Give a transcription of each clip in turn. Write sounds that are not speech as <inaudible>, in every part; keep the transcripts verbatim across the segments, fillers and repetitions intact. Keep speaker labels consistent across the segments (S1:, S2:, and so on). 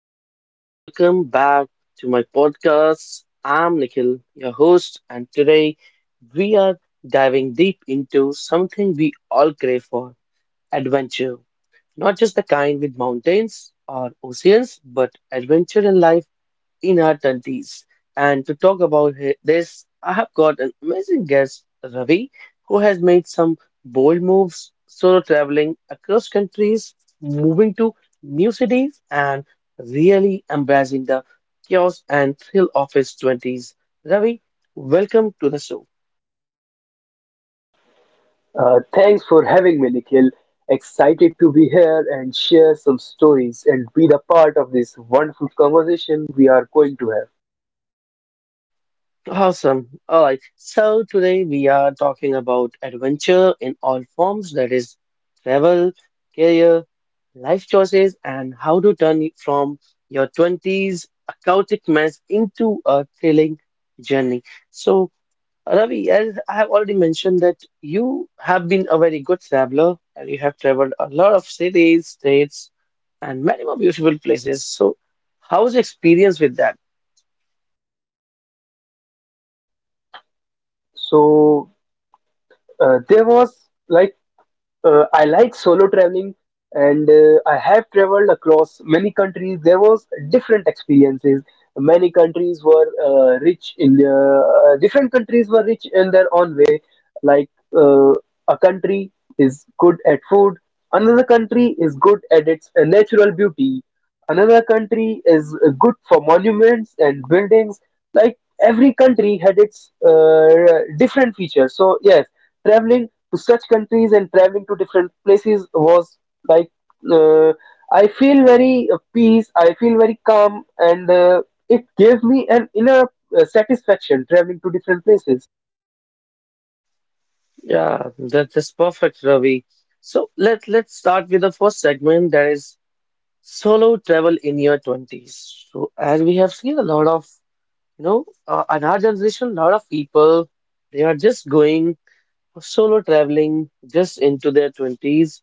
S1: everyone. Welcome back to my podcast. I'm Nikhil, your host, and today we are diving deep into something we all crave for adventure. Not just the kind with mountains or oceans, but adventure in life in her twenties. And to talk about he- this, I have got an amazing guest, Ravi, who has made some bold moves, solo traveling across countries, moving to new cities, and really embracing the chaos and thrill of his twenties. Ravi, welcome to the show.
S2: Uh, thanks for having me, Nikhil. Excited to be here and share some stories and be the part of this wonderful conversation we are going to have.
S1: Awesome. All right. So today we are talking about adventure in all forms, that is travel, career, life choices, and how to turn it from your twenties a chaotic mess into a thrilling journey. So Ravi, as I have already mentioned that you have been a very good traveler and you have traveled a lot of cities, states, and many more beautiful places. So how's your experience with that?
S2: So, uh, there was like Uh, I like solo traveling and uh, I have traveled across many countries. There was different experiences. Many countries were uh, rich in their, uh, different countries were rich in their own way. Like uh, a country is good at food, another country is good at its uh, natural beauty, another country is uh, good for monuments and buildings. Like every country had its uh, different features. So yes, traveling to such countries and traveling to different places was like uh, I feel very uh, peace. I feel very calm, and uh, it gave me an inner uh, satisfaction traveling to different places.
S1: Yeah, that is perfect, Ravi. So let let's start with the first segment that is solo travel in your twenties. So as we have seen a lot of, you know, uh, in our generation, a lot of people they are just going for solo traveling just into their twenties.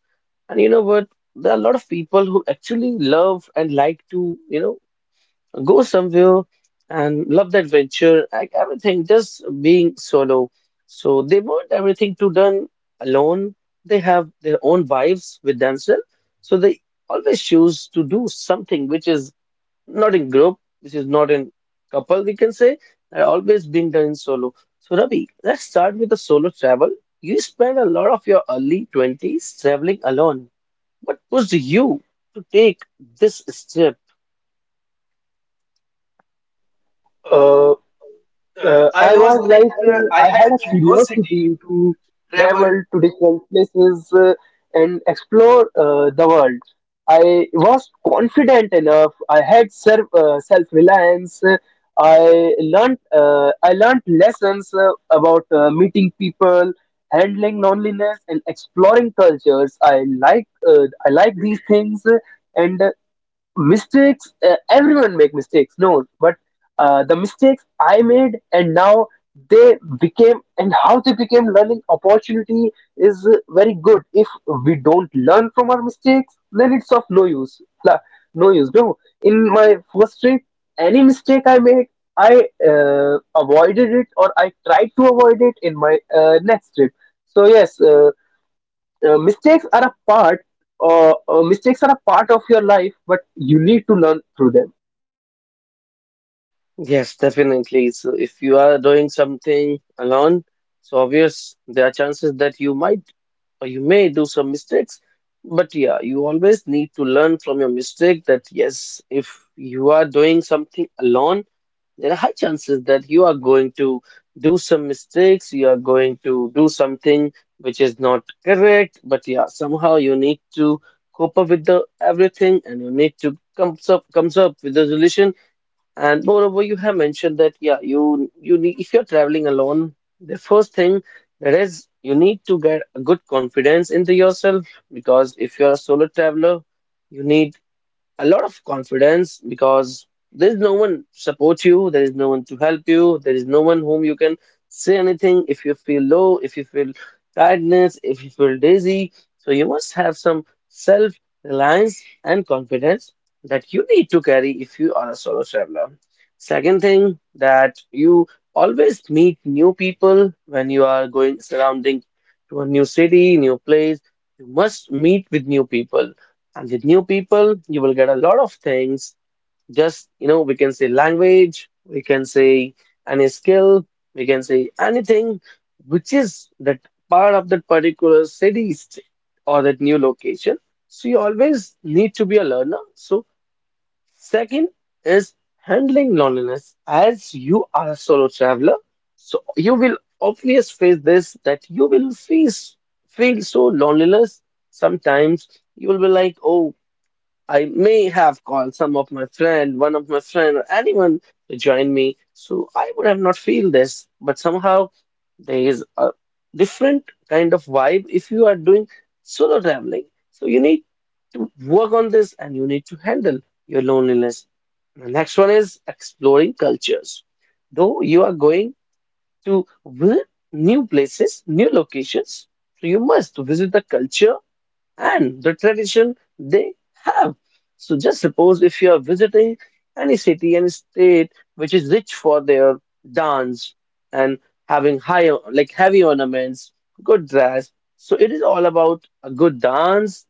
S1: And you know what? There are a lot of people who actually love and like to, you know, go somewhere and love the adventure, like everything, just being solo. So they want everything to done alone. They have their own vibes with themselves. So they always choose to do something which is not in group, which is not in couple, we can say, are always being done in solo. So Ravi, let's start with the solo travel. You spent a lot of your early twenties traveling alone. What pushed you to take this step?
S2: Uh,
S1: Uh,
S2: uh,
S1: I
S2: I was
S1: was
S2: like,
S1: like, uh, I
S2: uh, I
S1: had
S2: had
S1: a
S2: a
S1: curiosity
S2: curiosity
S1: to
S2: to
S1: travel.
S2: travel to different places uh, and explore uh, the world. I was confident enough. I had self uh, self reliance. I learned uh, I learned lessons uh, about uh, meeting people, handling loneliness, and exploring cultures. I like uh, I like these things, uh, and uh, mistakes uh, everyone make mistakes no but uh, the mistakes I made and now they became and how they became learning opportunity is uh, very good. If we don't learn from our mistakes then it's of no use. La- no use no. In my first trip, any mistake I made, I uh, avoided it, or I tried to avoid it in my uh, next trip. So yes, uh, uh, mistakes are a part uh, uh, mistakes are a part of your life, but you need to learn through them.
S1: Yes, definitely. So if you are doing something alone, so obvious there are chances that you might or you may do some mistakes. But yeah, you always need to learn from your mistake that yes, if you are doing something alone, there are high chances that you are going to do some mistakes, you are going to do something which is not correct, but yeah, somehow you need to cope up with the everything and you need to comes up comes up with the solution. And moreover, you have mentioned that yeah, you you need if you're traveling alone, the first thing that is you need to get a good confidence into yourself because if you're a solo traveler, you need a lot of confidence because there is no one support you, there is no one to help you, there is no one whom you can say anything if you feel low, if you feel tiredness, if you feel dizzy. So you must have some self reliance and confidence that you need to carry if you are a solo traveler. Second thing that you always meet new people when you are going surrounding to a new city, new place. You must meet with new people, and with new people, you will get a lot of things. Just, you know, we can say language, we can say any skill, we can say anything which is that part of that particular city st- or that new location. So you always need to be a learner. So second is handling loneliness. As you are a solo traveler, so you will obviously face this, that you will face feel so loneliness sometimes. You will be like, oh, I may have called some of my friend, one of my friend, or anyone to join me. So I would have not feel this, but somehow there is a different kind of vibe if you are doing solo traveling. So you need to work on this and you need to handle your loneliness. The next one is exploring cultures. Though you are going to visit new places, new locations, so you must visit the culture and the tradition they have. So just suppose if you are visiting any city, any state which is rich for their dance and having high like heavy ornaments, good dress. So it is all about a good dance,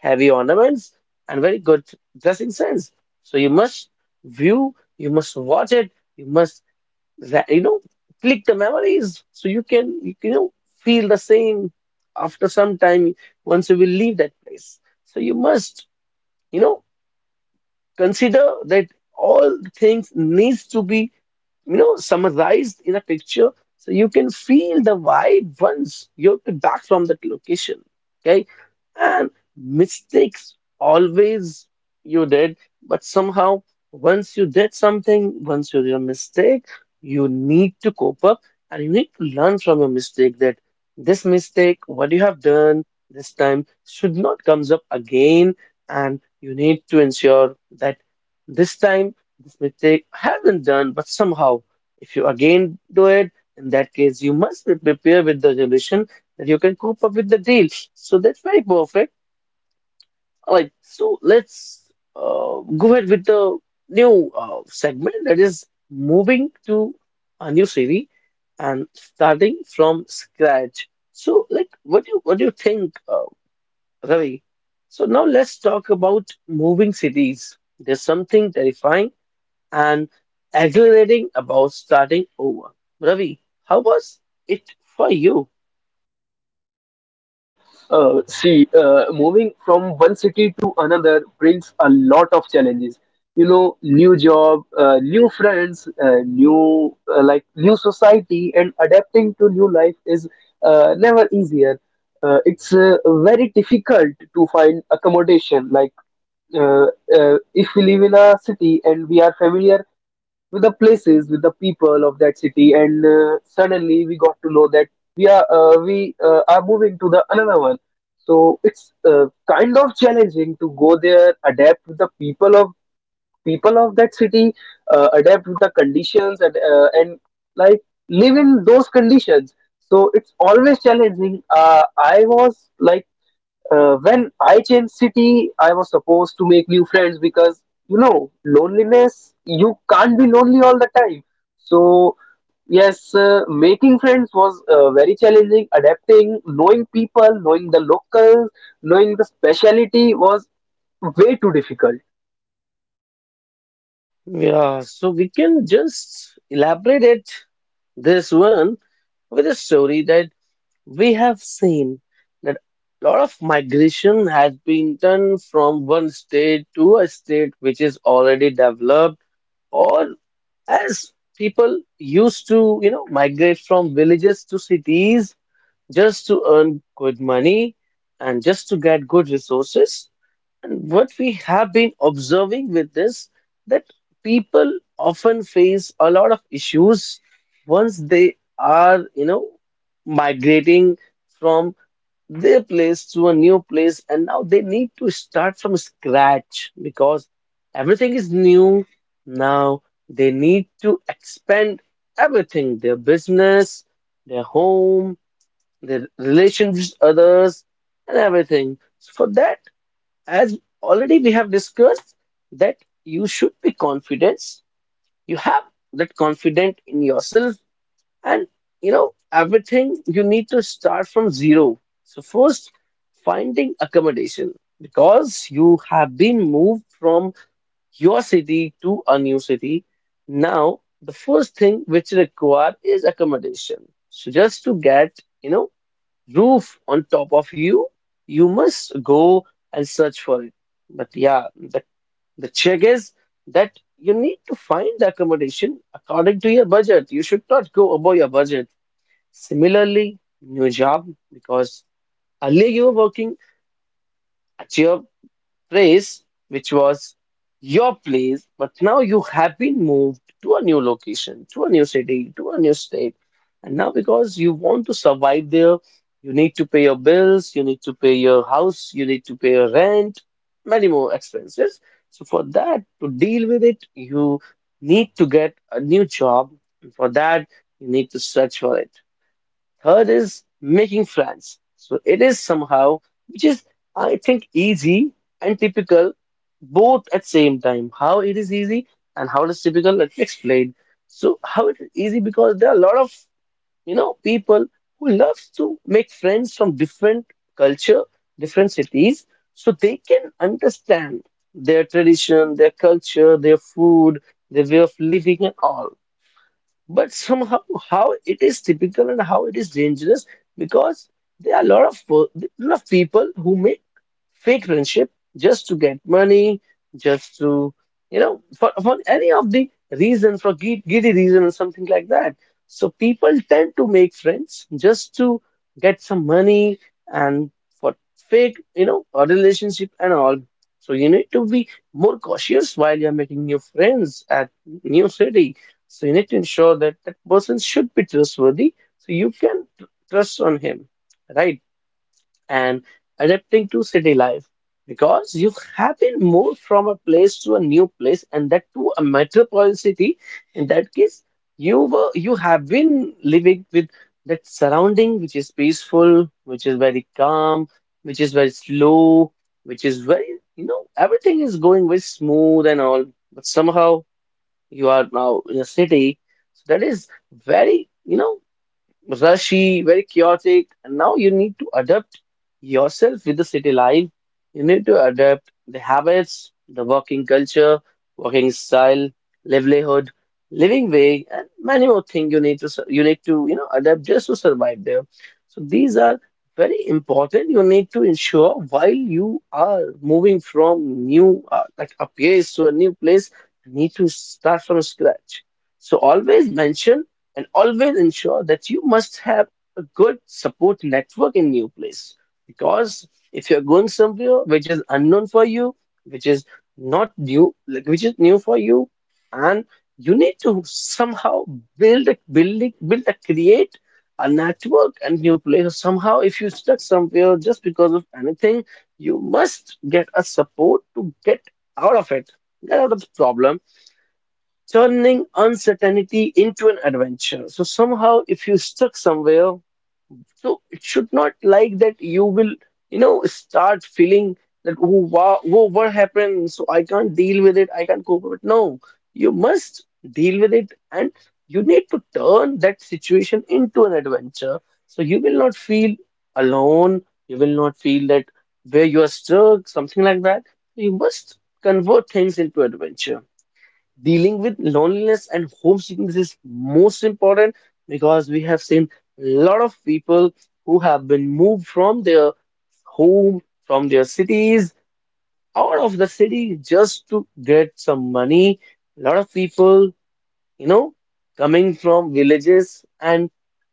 S1: heavy ornaments, and very good dressing sense. So you must view, you must watch it, you must, that you know, click the memories so you can you, can, you know, feel the same after some time once you will leave that place. So you must, you know, consider that all things needs to be, you know, summarized in a picture so you can feel the vibe once you're back from that location. Okay. And mistakes always you did, but somehow once you did something, once you did a mistake, you need to cope up and you need to learn from your mistake that this mistake, what you have done this time, should not comes up again, and you need to ensure that this time this mistake has been done, but somehow if you again do it, in that case you must be prepared with the resolution that you can cope up with the deal. So that's very perfect. All right, so let's uh, go ahead with the new uh, segment, that is moving to a new series and starting from scratch. So like what do you what do you think, Uh, Ravi? So now let's talk about moving cities. There's something terrifying and exhilarating about starting over. Ravi, how was it for you?
S2: Uh, see, uh, moving from one city to another brings a lot of challenges. You know, new job, uh, new friends, uh, new uh, like new society, and adapting to new life is uh, never easier. Uh, it's uh, very difficult to find accommodation. Like, uh, uh, if we live in a city and we are familiar with the places, with the people of that city, and uh, suddenly we got to know that we are uh, we uh, are moving to the another one, so it's uh, kind of challenging to go there, adapt with the people of people of that city, uh, adapt with the conditions, and uh, and like live in those conditions. So it's always challenging. Uh, I was like uh, When I changed city, I was supposed to make new friends because you know loneliness. You can't be lonely all the time. So yes, uh, making friends was uh, very challenging. Adapting, knowing people, knowing the locals, knowing the speciality was way too difficult.
S1: Yeah, so we can just elaborate it this one with a story that we have seen that a lot of migration has been done from one state to a state which is already developed, or as people used to, you know, migrate from villages to cities just to earn good money and just to get good resources. And what we have been observing with this, that people often face a lot of issues once they are, you know, migrating from their place to a new place, and now they need to start from scratch because everything is new. Now they need to expand everything, their business, their home, their relations with others, and everything. So for that, as already we have discussed, that you should be confident, you have that confident in yourself, and you know everything, you need to start from zero. So first, finding accommodation, because you have been moved from your city to a new city. Now the first thing which required is accommodation, so just to get, you know, roof on top of you, you must go and search for it. But yeah, the, the check is that you need to find the accommodation according to your budget, you should not go above your budget. Similarly, new job, because earlier you were working at your place, which was your place, but now you have been moved to a new location, to a new city, to a new state. And now, because you want to survive there, you need to pay your bills, you need to pay your house, you need to pay your rent, many more expenses. So, for that, to deal with it, you need to get a new job. And for that, you need to search for it. Third is making friends. So it is somehow, which is, I think, easy and typical both at same time. How it is easy and how it is typical, let me explain. So how it is easy, because there are a lot of, you know, people who loves to make friends from different culture, different cities, so they can understand their tradition, their culture, their food, their way of living and all. But somehow, how it is typical and how it is dangerous, because there are a lot of per- lot of people who make fake friendship just to get money, just to, you know, for, for any of the reason, for gid- giddy reason or something like that. So people tend to make friends just to get some money and for fake, you know, a relationship and all. So you need to be more cautious while you're making new friends at new city. So you need to ensure that that person should be trustworthy so you can tr- trust on him, right? And adapting to city life, because you have been moved from a place to a new place and that to a metropolitan city. In that case, you were you have been living with that surrounding which is peaceful, which is very calm, which is very slow, which is very, you know, everything is going very smooth and all, but somehow you are now in a city, so that is very, you know, rushy, very chaotic. And now you need to adapt yourself with the city life. You need to adapt the habits, the working culture, working style, livelihood, living way, and many more things you need to sur- you need to, you know, adapt just to survive there. So these are very important. You need to ensure while you are moving from new uh, like a place to a new place, you need to start from scratch. So always mention and always ensure that you must have a good support network in new place because if you're going somewhere which is unknown for you which is not new like which is new for you and you need to somehow build a building build a create a network and new place. Somehow if you stuck somewhere just because of anything you must get a support to get out of it, get out of the problem. Turning uncertainty into an adventure. So somehow, if you stuck somewhere, so it should not like that you will, you know, start feeling that oh wow, whoa, what happened? So I can't deal with it. I can't cope with it. No, you must deal with it, and you need to turn that situation into an adventure. So you will not feel alone. You will not feel that where you are stuck, something like that. You must convert things into adventure. Dealing with loneliness and homesickness is most important because we have seen a lot of people who have been moved from their home, from their cities, out of the city just to get some money. A lot of people, you know, coming from villages and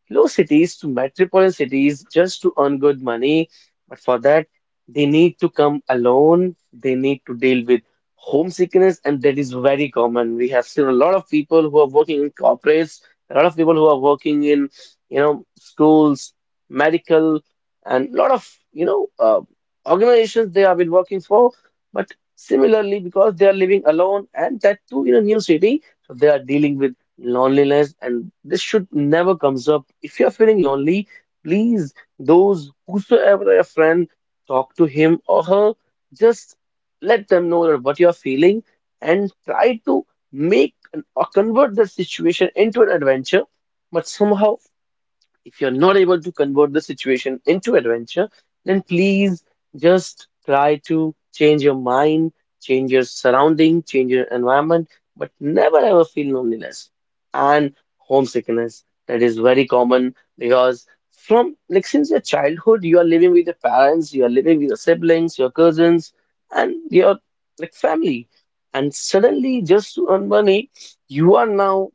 S1: low cities to metropolitan cities just to earn good money. But for that, they need to come alone. They need to deal with homesickness, and that is very common. We have seen a lot of people who are working in corporates, a lot of people who are working in, you know, schools, medical, and a lot of, you know, uh, organizations they have been working for. But similarly, because they are living alone and that too in a new city, so they are dealing with loneliness, and this should never comes up. If you are feeling lonely, please, those whosoever a friend, talk to him or her. Just let them know that what you are feeling and try to make an- or convert the situation into an adventure. But somehow if you're not able to convert the situation into adventure, then please just try to change your mind, change your surrounding, change your environment, but never ever feel loneliness and homesickness. That is very common because from like since your childhood, you are living with your parents, you are living with your siblings, your cousins, and your like family. And suddenly, just to earn money, you are now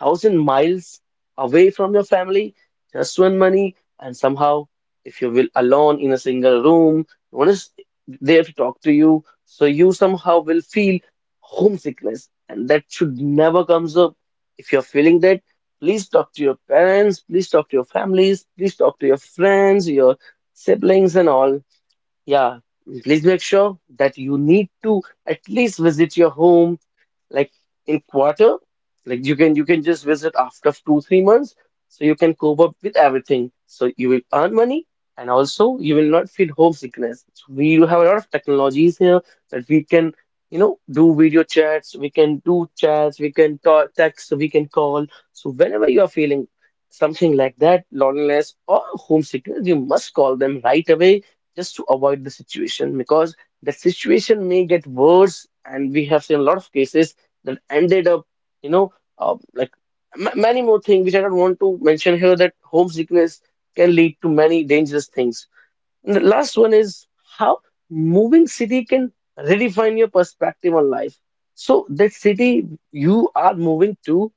S1: thousand miles away from your family, just one money, and somehow, if you will, alone in a single room, no one is there to talk to you, so you somehow will feel homesickness, and that should never comes up. If you're feeling that, please talk to your parents, please talk to your families, please talk to your friends, your siblings, and all. Yeah, please make sure that you need to at least visit your home like in quarter. Like you can you can just visit after two, three months so you can cope up with everything. So you will earn money and also you will not feel homesickness. So we do have a lot of technologies here that we can, you know, do video chats, we can do chats, we can talk, text, we can call. So whenever you are feeling something like that, loneliness or homesickness, you must call them right away just to avoid the situation because the situation may get worse, and we have seen a lot of cases that ended up, you know, uh, like m- many more things which I don't want to mention here, that homesickness can lead to many dangerous things. And the last one is how moving city can redefine your perspective on life. So that city you are moving to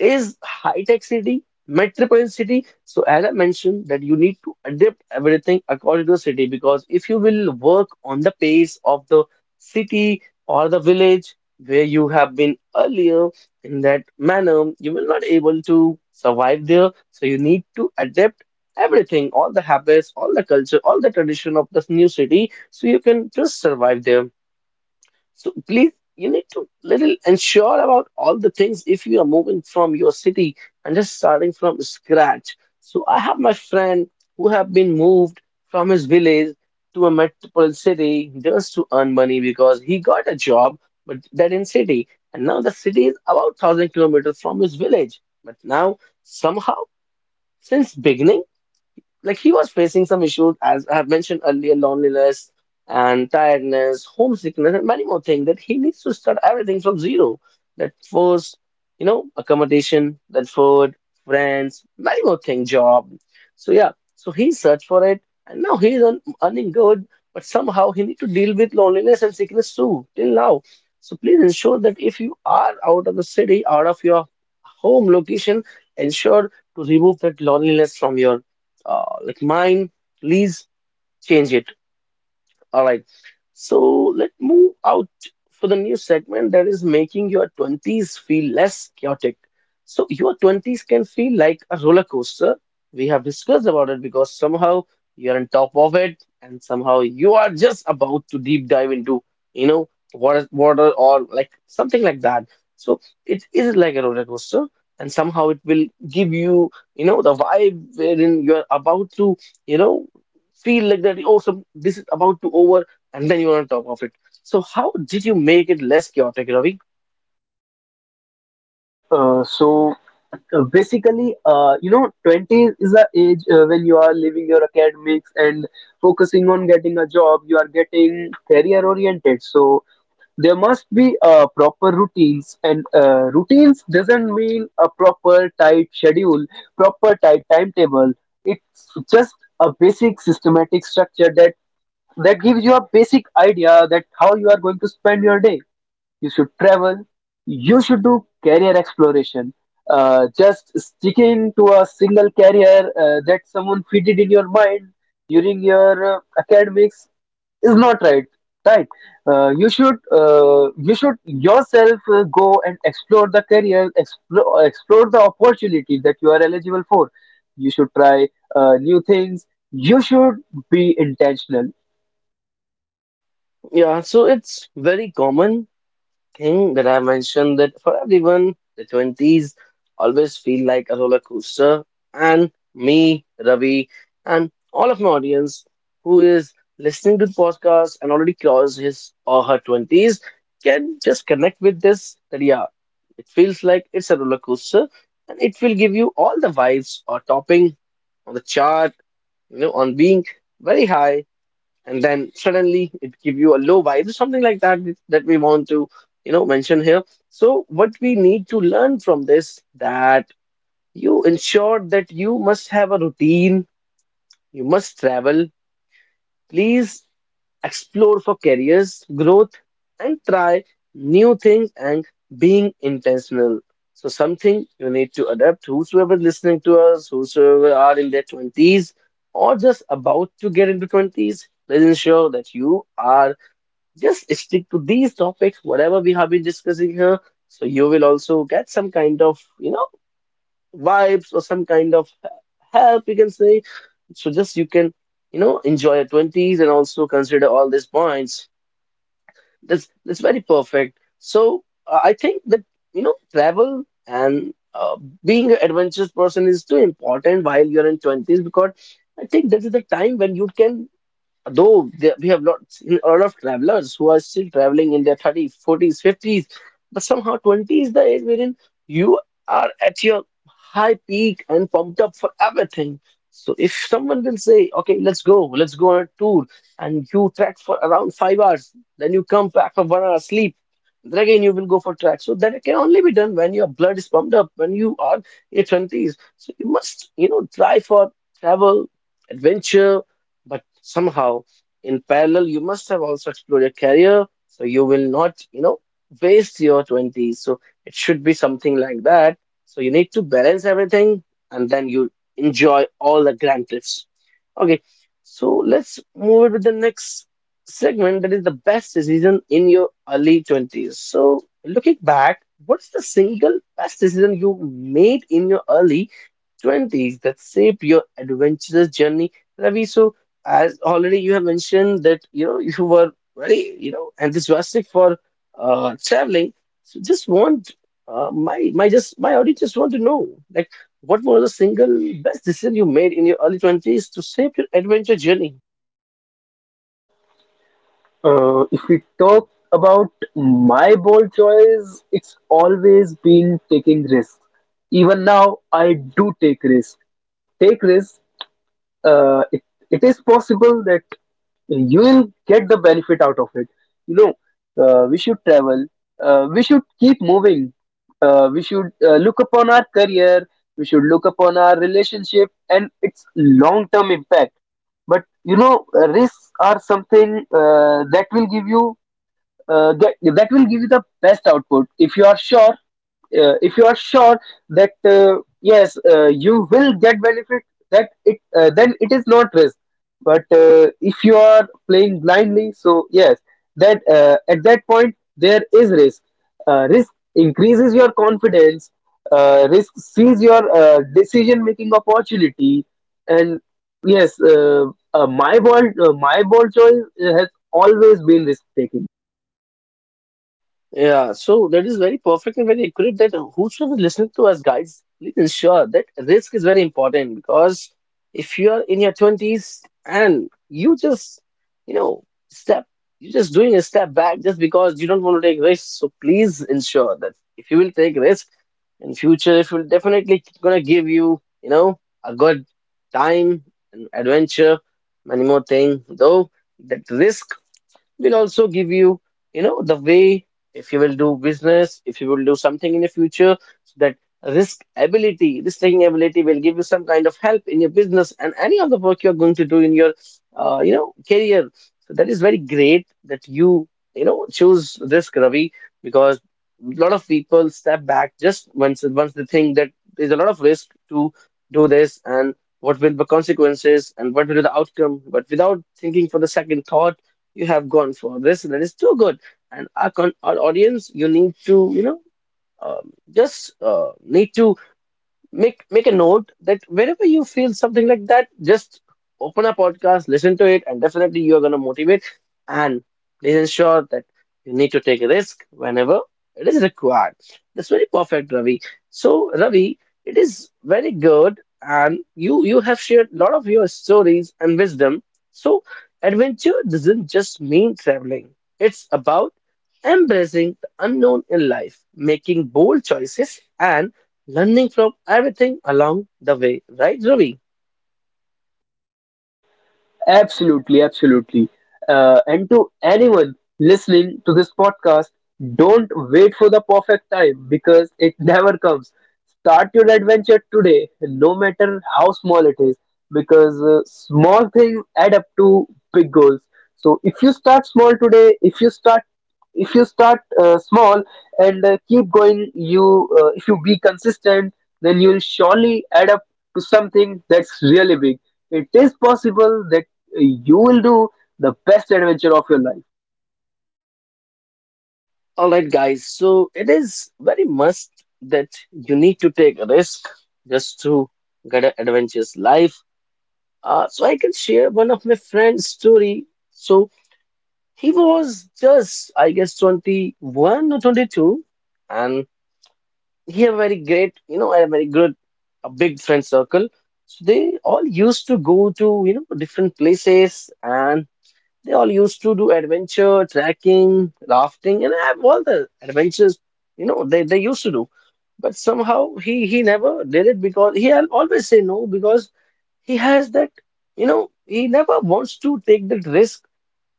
S1: is high-tech city, metropolitan city. So as I mentioned that you need to adapt everything according to the city, because if you will work on the pace of the city or the village where you have been earlier in that manner, you will not able to survive there. So you need to adapt everything, all the habits, all the culture, all the tradition of this new city, so you can just survive there. So please, you need to little ensure about all the things if you are moving from your city and just starting from scratch. So I have my friend who have been moved from his village to a metropolitan city just to earn money because he got a job, but that in city. And now the city is about thousand kilometers from his village. But now somehow since beginning like he was facing some issues as I have mentioned earlier, loneliness and tiredness, homesickness, and many more things that he needs to start everything from zero. That first, you know, accommodation, that food, friends, many more things, job. So yeah, so he searched for it, and now he's earn, earning good, but somehow he need to deal with loneliness and sickness too till now. So please ensure that if you are out of the city, out of your home location, ensure to remove that loneliness from your uh, like mine. Please change it. All right. So let's move out for the new segment, that is making your twenties feel less chaotic. So your twenties can feel like a roller coaster. We have discussed about it because somehow you're on top of it and somehow you are just about to deep dive into, you know, water, water or like something like that. So it is like a roller coaster and somehow it will give you, you know, the vibe wherein you're about to, you know, feel like that oh, some this is about to over, and then you're on top of it. So how did you make it less chaotic, Ravi?
S2: Uh, so uh, basically, uh, you know, twenty is the age uh, when you are leaving your academics and focusing on getting a job. You are getting career oriented. So there must be uh, proper routines, and uh, routines doesn't mean a proper tight schedule, proper tight timetable. It's just a basic systematic structure that that gives you a basic idea that how you are going to spend your day. You should travel, you should do career exploration. Uh, just sticking to a single career uh, that someone fitted in your mind during your uh, academics is not right. Right? Uh, you should uh, you should yourself uh, go and explore the career, explore explore the opportunities that you are eligible for. You should try uh, new things. You should be intentional.
S1: Yeah, so it's very common thing that I mentioned, that for everyone, the twenties always feel like a roller coaster. And me, Ravi, and all of my audience who is listening to the podcast and already crossed his or her twenties can just connect with this, that yeah, it feels like it's a roller coaster and it will give you all the vibes or topping on the chart, you know, on being very high and then suddenly it give you a low vibe, something like that, that we want to, you know, mention here. So what we need to learn from this, that you ensure that you must have a routine, you must travel, please explore for careers growth, and try new things and being intentional. So something you need to adapt, whosoever listening to us, whosoever are in their twenties or just about to get into twenties, please ensure that you are just stick to these topics, whatever we have been discussing here. So you will also get some kind of, you know, vibes or some kind of he- help, you can say. So just you can, you know, enjoy your twenties and also consider all these points. That's that's very perfect. So uh, I think that, you know, travel and uh, being an adventurous person is too important while you're in twenties because I think that is the time when you can, though there, we have lots, a lot of travelers who are still traveling in their thirties, forties, fifties, but somehow twenty is the age wherein you are at your high peak and pumped up for everything. So if someone will say, okay, let's go, let's go on a tour, and you trek for around five hours, then you come back for one hour sleep, then again you will go for trek. So that can only be done when your blood is pumped up, when you are in your twenties. So you must, you know, try for travel, adventure, but somehow in parallel you must have also explored your career, so you will not, you know, waste your twenties. So it should be something like that. So you need to balance everything and then you enjoy all the grand cliffs. Okay, so let's move it with the next segment, that is the best decision in your early twenties. So looking back, what's the single best decision you made in your early twenties that shaped your adventurous journey, Ravi? So as already you have mentioned that you know you were very, you know, enthusiastic for uh, traveling, so just want uh, my my just my audience just want to know like what was the single best decision you made in your early twenties to shape your adventure journey.
S2: Uh, if we talk about my bold choice, it's always been taking risks. Even now, I do take risks. Take risks. Uh, it, it is possible that you will get the benefit out of it. You know, uh, we should travel. Uh, we should keep moving. Uh, we should uh, look upon our career. We should look upon our relationship and its long-term impact. But you know, uh, risks are something uh, that will give you uh, get that will give you the best output if you are sure. Uh, if you are sure that uh, yes, uh, you will get benefit, that it uh, then it is not risk. But uh, if you are playing blindly, so yes, that uh, at that point there is risk. Uh, risk increases your confidence. Uh, risk sees your uh, decision making opportunity. And yes, uh, uh, my bold uh, my bold choice uh, has always been risk taking.
S1: Yeah, so that is very perfect and very accurate, that whosoever listening to us, guys, please ensure that risk is very important because if you are in your twenties and you just, you know, step, you're just doing a step back just because you don't want to take risks. So please ensure that if you will take risk in future, it will definitely gonna give you, you know, a good time and adventure, many more thing. Though that risk will also give you, you know, the way if you will do business, if you will do something in the future, so that risk ability, risk taking ability will give you some kind of help in your business and any of the work you are going to do in your uh, you know, career. So that is very great that you you know, choose risk, Ravi, because a lot of people step back just once once they think that there's a lot of risk to do this and what will the consequences and what will be the outcome, but without thinking for the second thought you have gone for this. That is too good. And our, con- our audience, you need to, you know, um, just uh, need to make make a note that whenever you feel something like that, just open a podcast, listen to it, and definitely you are gonna motivate. And please ensure that you need to take a risk whenever it is required. That's very perfect, Ravi. So, Ravi, it is very good, and you you have shared a lot of your stories and wisdom. So, adventure doesn't just mean traveling. It's about embracing the unknown in life, making bold choices, and learning from everything along the way, right, Ravi?
S2: Absolutely, absolutely. Uh, and to anyone listening to this podcast, don't wait for the perfect time because it <laughs> never comes. Start your adventure today, no matter how small it is, because uh, small things add up to big goals. So if you start small today, if you start if you start uh, small and uh, keep going, you uh, if you be consistent, then you'll surely add up to something that's really big. It is possible that you will do the best adventure of your life.
S1: All right, guys. So it is very must that you need to take a risk just to get an adventurous life. Uh, so I can share one of my friend's story. So he was just, I guess, twenty-one or twenty-two, and he had very great, you know, a very good, a big friend circle. So they all used to go to, you know, different places, and they all used to do adventure, trekking, rafting, and have all the adventures, you know, they, they used to do. But somehow he he never did it because he al- always say no, because he has that, you know, he never wants to take that risk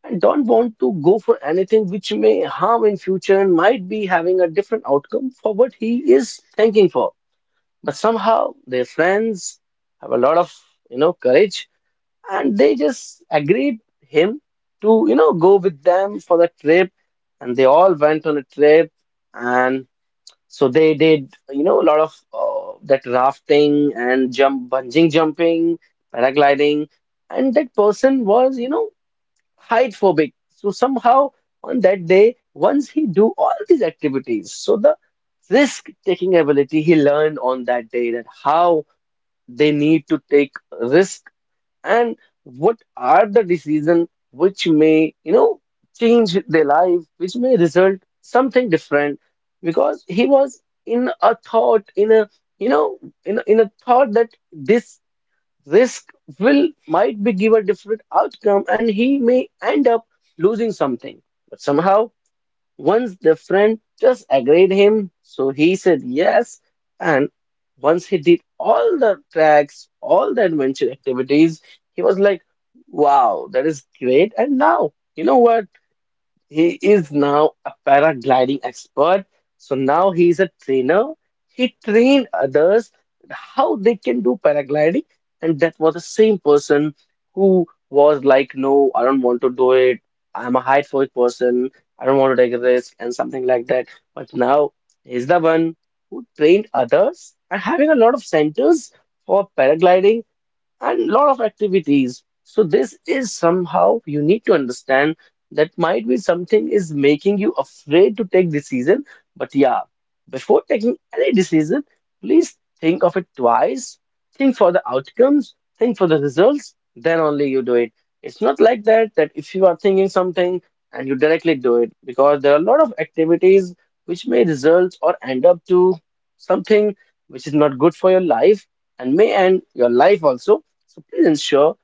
S1: and don't want to go for anything which may harm in future and might be having a different outcome for what he is thinking for. But somehow their friends have a lot of, you know, courage, and they just agreed him to, you know, go with them for the trip, and they all went on a trip, and so they did, you know, a lot of uh, that rafting and jump, bungee jumping, paragliding. And that person was, you know, height phobic, so somehow on that day, once he do all these activities, so the risk taking ability he learned on that day, that how they need to take risk and what are the decisions which may, you know, change their life, which may result something different, because he was in a thought, in a you know in a, in a thought that this risk will might be give a different outcome and he may end up losing something. But somehow, once the friend just agreed him, so he said yes. And once he did all the tracks, all the adventure activities, he was like, wow, that is great. And now, you know what? He is now a paragliding expert. So now he is a trainer. He trained others how they can do paragliding. And that was the same person who was like, no, I don't want to do it. I'm a height phobic person. I don't want to take a risk and something like that. But now he's the one who trained others and having a lot of centers for paragliding and lot of activities. So this is somehow you need to understand that might be something is making you afraid to take decision. But yeah, before taking any decision, please think of it twice. Think for the outcomes, think for the results, then only you do it. It's not like that that if you are thinking something and you directly do it, because there are a lot of activities which may result or end up to something which is not good for your life and may end your life also. So please ensure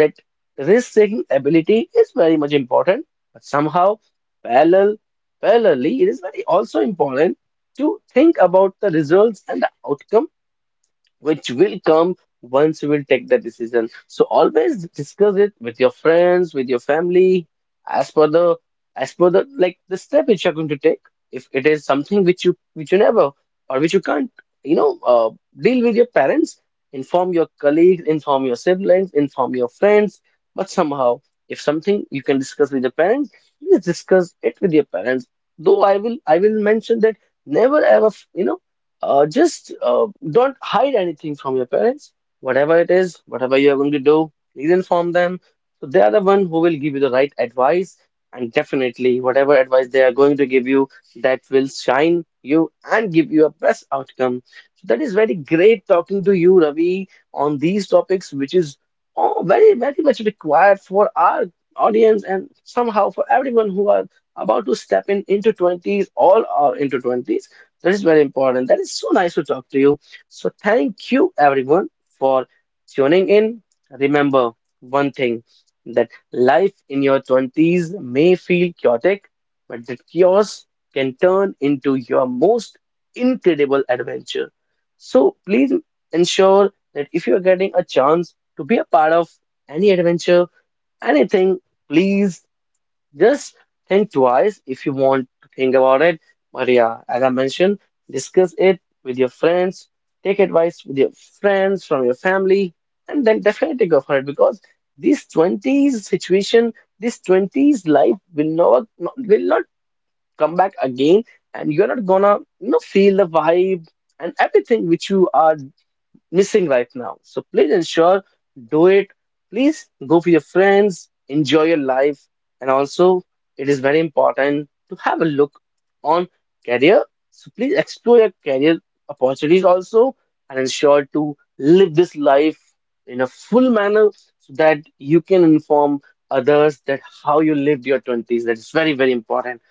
S1: that risk-taking ability is very much important, but somehow parallel, parallelly, it is very also important to think about the results and the outcome which will come once you will take the decision. So always discuss it with your friends, with your family, as per the as per the like the step which you're going to take. If it is something which you which you never or which you can't, you know, uh, deal with your parents, inform your colleagues, inform your siblings, inform your friends. But somehow, if something you can discuss with your parents, please discuss it with your parents. Though I will I will mention that never ever, you know uh, just uh, don't hide anything from your parents. Whatever it is, whatever you are going to do, please inform them. So they are the one who will give you the right advice, and definitely whatever advice they are going to give you, that will shine you and give you a best outcome. So that is very great talking to you, Ravi, on these topics, which is oh, very, very much required for our audience and somehow for everyone who are about to step in into twenties, all are into twenties. That is very important. That is so nice to talk to you. So, thank you everyone for tuning in. Remember one thing, that life in your twenties may feel chaotic, but that chaos can turn into your most incredible adventure. So, please ensure that if you are getting a chance to be a part of any adventure, anything, please just think twice if you want to think about it. But yeah, as I mentioned, discuss it with your friends, take advice with your friends, from your family, and then definitely go for it, because this twenties situation, this twenties life will not will not come back again, and you're not gonna, you know, feel the vibe and everything which you are missing right now. So please ensure, do it. Please go for your friends, enjoy your life. And also, it is very important to have a look on career. So please explore your career opportunities also and ensure to live this life in a full manner, so that you can inform others that how you lived your twenties. That is very, very important.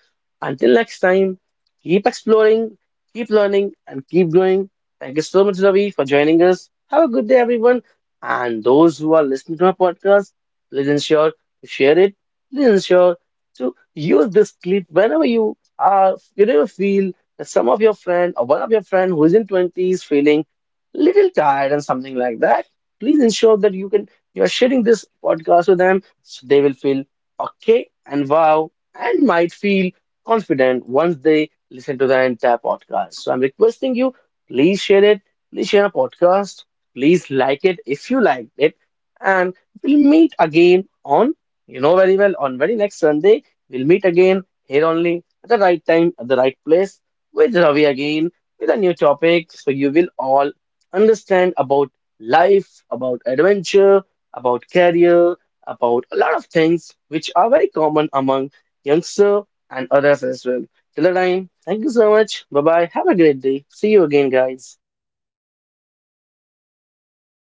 S1: Until next time, keep exploring, keep learning, and keep growing. Thank you so much, Ravi, for joining us. Have a good day, everyone. And those who are listening to our podcast, please ensure to share it. Please ensure to use this clip whenever you are, whenever you feel that some of your friend or one of your friend who is in twenties feeling little tired and something like that. Please ensure that you can you are sharing this podcast with them so they will feel okay and wow, and might feel confident once they listen to the entire podcast. So I'm requesting you, please share it, please share a podcast, please like it if you liked it, and we'll meet again on, you know very well, on very next Sunday. We'll meet again here only at the right time, at the right place, with Ravi again, with a new topic. So you will all understand about life, about adventure, about career, about a lot of things which are very common among youngster and others as well. Till the time, thank you so much. Bye bye. Have a great day. See you again, guys.